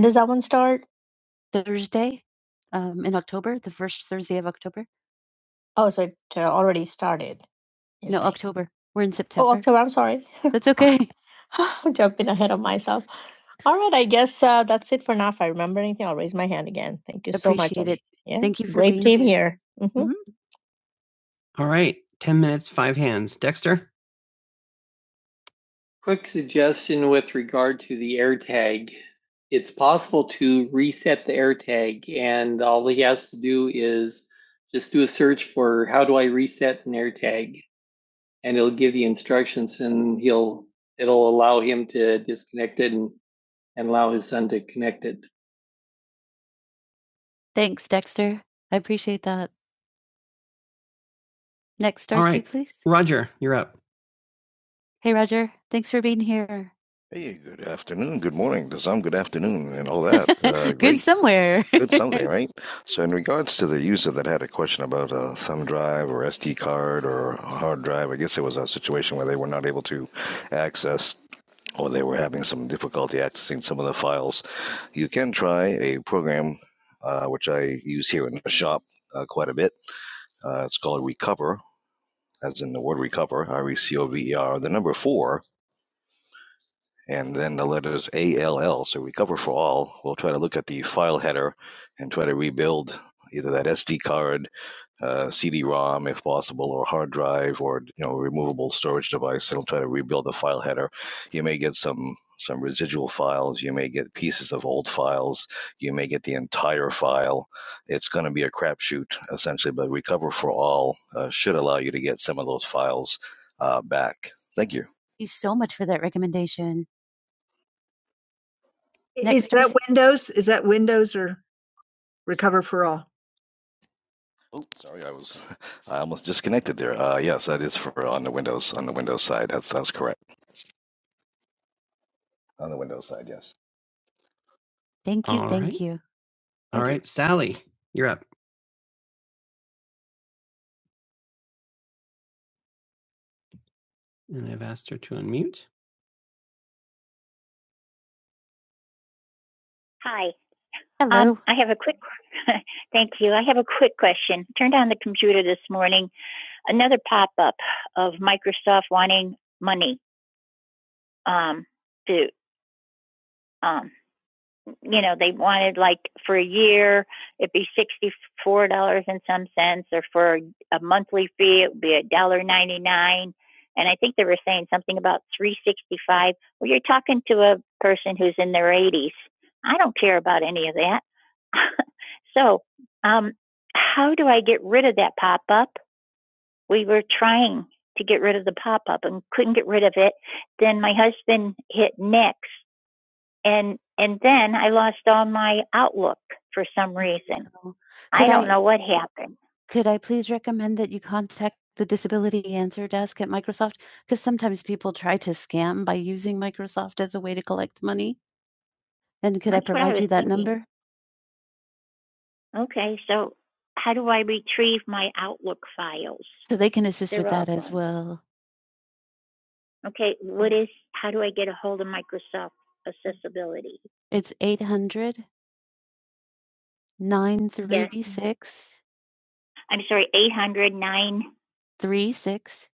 Thursday um, in October, the first Thursday of October. Oh, so I already said. you No, say. October. We're in September. Oh, October. I'm sorry. That's okay. Thank you so much. Appreciate it. Yeah. Thank you for Great being team here. here. Mhm. Mhm. All right. 10 minutes, five hands. Dexter? Just Thanks, Dexter. I appreciate that. Next, All Darcy, right. please. Roger, you're up. Hey, Roger. Thanks for being here. Hey, good afternoon, good morning, because I'm good afternoon and all that. Uh, Good great. somewhere. Good something, right? So, in regards to the user that had a question about a thumb drive or hard or a hard drive, I guess it was uh, they were not able to, they were in difficulty accessing some of the files I use here in uh, cover, as in the word recover, R E C O V E R, the number four, either that SD card uh, CD-ROM if possible, or hard drive, or you know, removable storage device. It'll try to rebuild the file header. You may get some some residuals. You may get pieces of old files. You may get the entire file. It's going to be a crapshoot essentially, but Recover for All uh, should allow you to get some of those files uh, back. Thank you. Thank you so much for that recommendation. Is Next is that when Sorry, I was uh, correct. On the way. Thank you. All thank right. you. All Thank right, you. right, Sally, you're up. And I've asked her to unmute. Hi. Hello. Um, I have a quick Thank you. I have a quick question. Turned on the computer this morning, another pop up of Microsoft wanting money um, to um, think about 365. Well, you're talking to a person who's in their 80s. I don't care about any of that. so, um, how do I get rid of that pop up? We were trying to get rid of the pop up and couldn't get rid of it. Then my husband hit Nick, and and then I lost all my person. Oh, I could don't I know what happened. could I please recommend that you contact the disability answer desk at Microsoft? Because sometimes people try to scam by using Microsoft as a way to collect money, and could I That's what I provide was you that thinking. number? Okay, so I retrieve my Outlook files. So they can assist with They're all that as gone. well. Okay, What is? how do I get a hold of Microsoft accessibility? It's eight hundred nine Yes. three six I'm sorry, eight hundred nine three six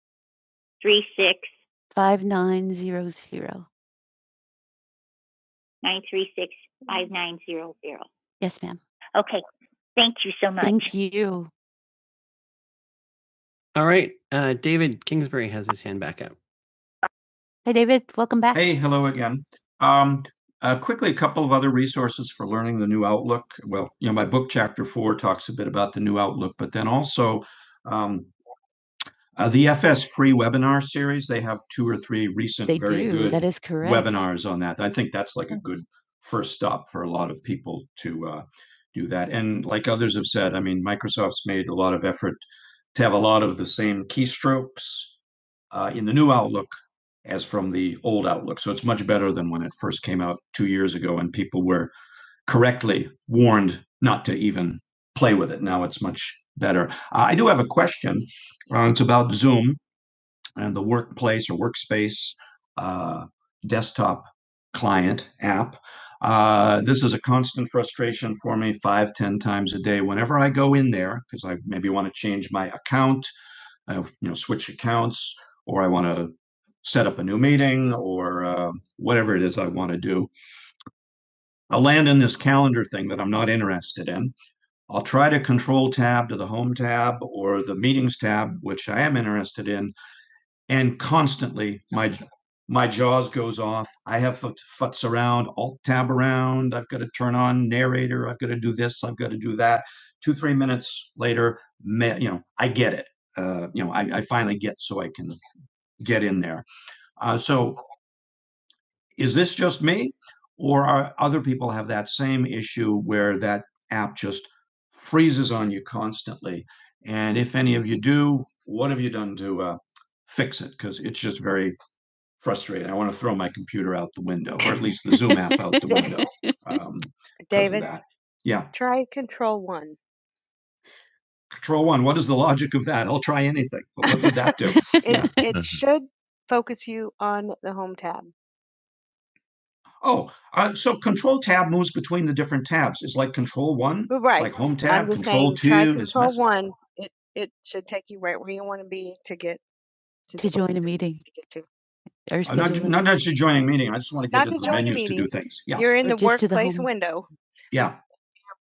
three six 5900. 936 Yes, ma'am. Okay, thank you so much. Thank you. All right, uh, David Kingsbury has his hand back up. Hey, David, welcome back. Hey, hello again. Uh, uh, learning the new Outlook They very do. good That is correct. webinars, like a good Microsoft Teller. Uh, then I'll try to Control Tab to the home and, and surround, all tab around. I've got a turn there. Uh, so is that same where that app just play? And if any of you do, what uh, it because it's just very frustrating. I want to computer out the window, or at least the Zoom app out the window. Um, 'cause David? Yeah, Try control one. Try anything. But what would that do? it, Yeah. It, should, Oh, uh, so control two is between Right. like home tab, I'm just control saying, try two is control one. to join a meeting or I'm not, not actually joining a meeting. I just want to get to to the menus to do things. Yeah. You're in Or the just the workplace window. Yeah.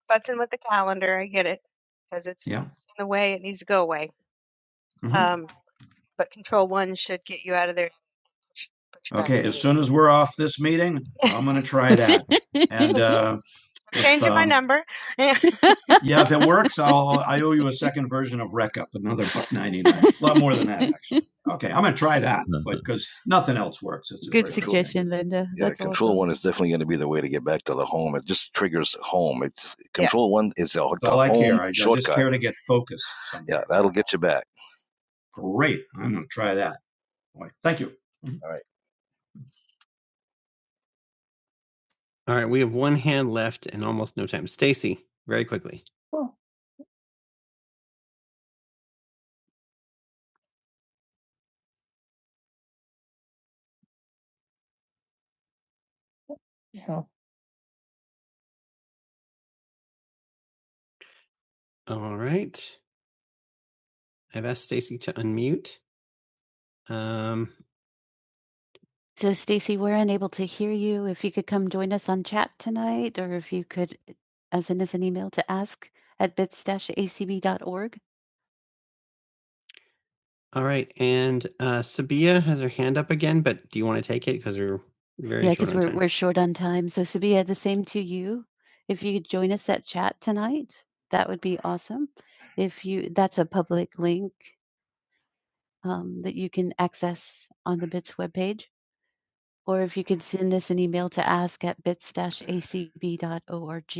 Button with the calendar. I get it. Because it's, Yeah. it's in the way it needs to go away. Mhm. Um, but control one should get you out of there. Okay, as soon try that. And uh, if, Changing um, my um, number. Yeah, if it works, I'll I owe you another penny. A lot more than that, actually. Okay, try that. But Good suggestion, cool. Linda. Yeah, That's control awesome. one is them. It just triggers home. It's control yeah. one is the, the I home care. I, shortcut. I just shortcut. care to get focused. Someday. yeah, that'll get you back. Great. I'm gonna try that. Thank you. All right, All right. we have one hand left and almost no time. Stacy, very quickly. All right, I've asked Stacy to unmute. Um, So, Stacy, we're unable to hear you. If you could come join us on chat tonight, or if you could uh, send us an email to ask at bits-acb.org. All right, and uh, Sabia has her hand up again, but do you want to take it because we're very Yeah, short because on we're time? we're short on time. So, Sabia, the same to you. If you could join us at chat tonight, that would be awesome. If you, that's a public link um, that you can access on the Bits webpage. Or if you could send us an email to ask at bits dash a c b dot org.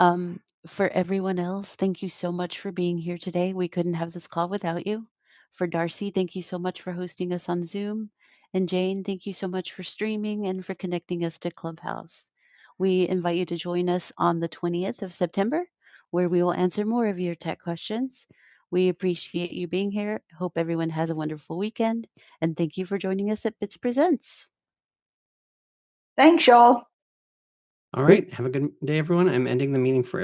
Um, for everyone else, thank you so much for being here today. We couldn't have this call without you. For Darcy, thank you so much for hosting us on Zoom. And Jane, thank you so much for streaming and for connecting us to Clubhouse. We invite you to join us on the 20th of September, where we will answer more of your tech questions. We appreciate you being here. Hope everyone has a wonderful weekend. And thank you for joining us at Bits Presents. All right. Have a good day, everyone. I'm ending the meeting for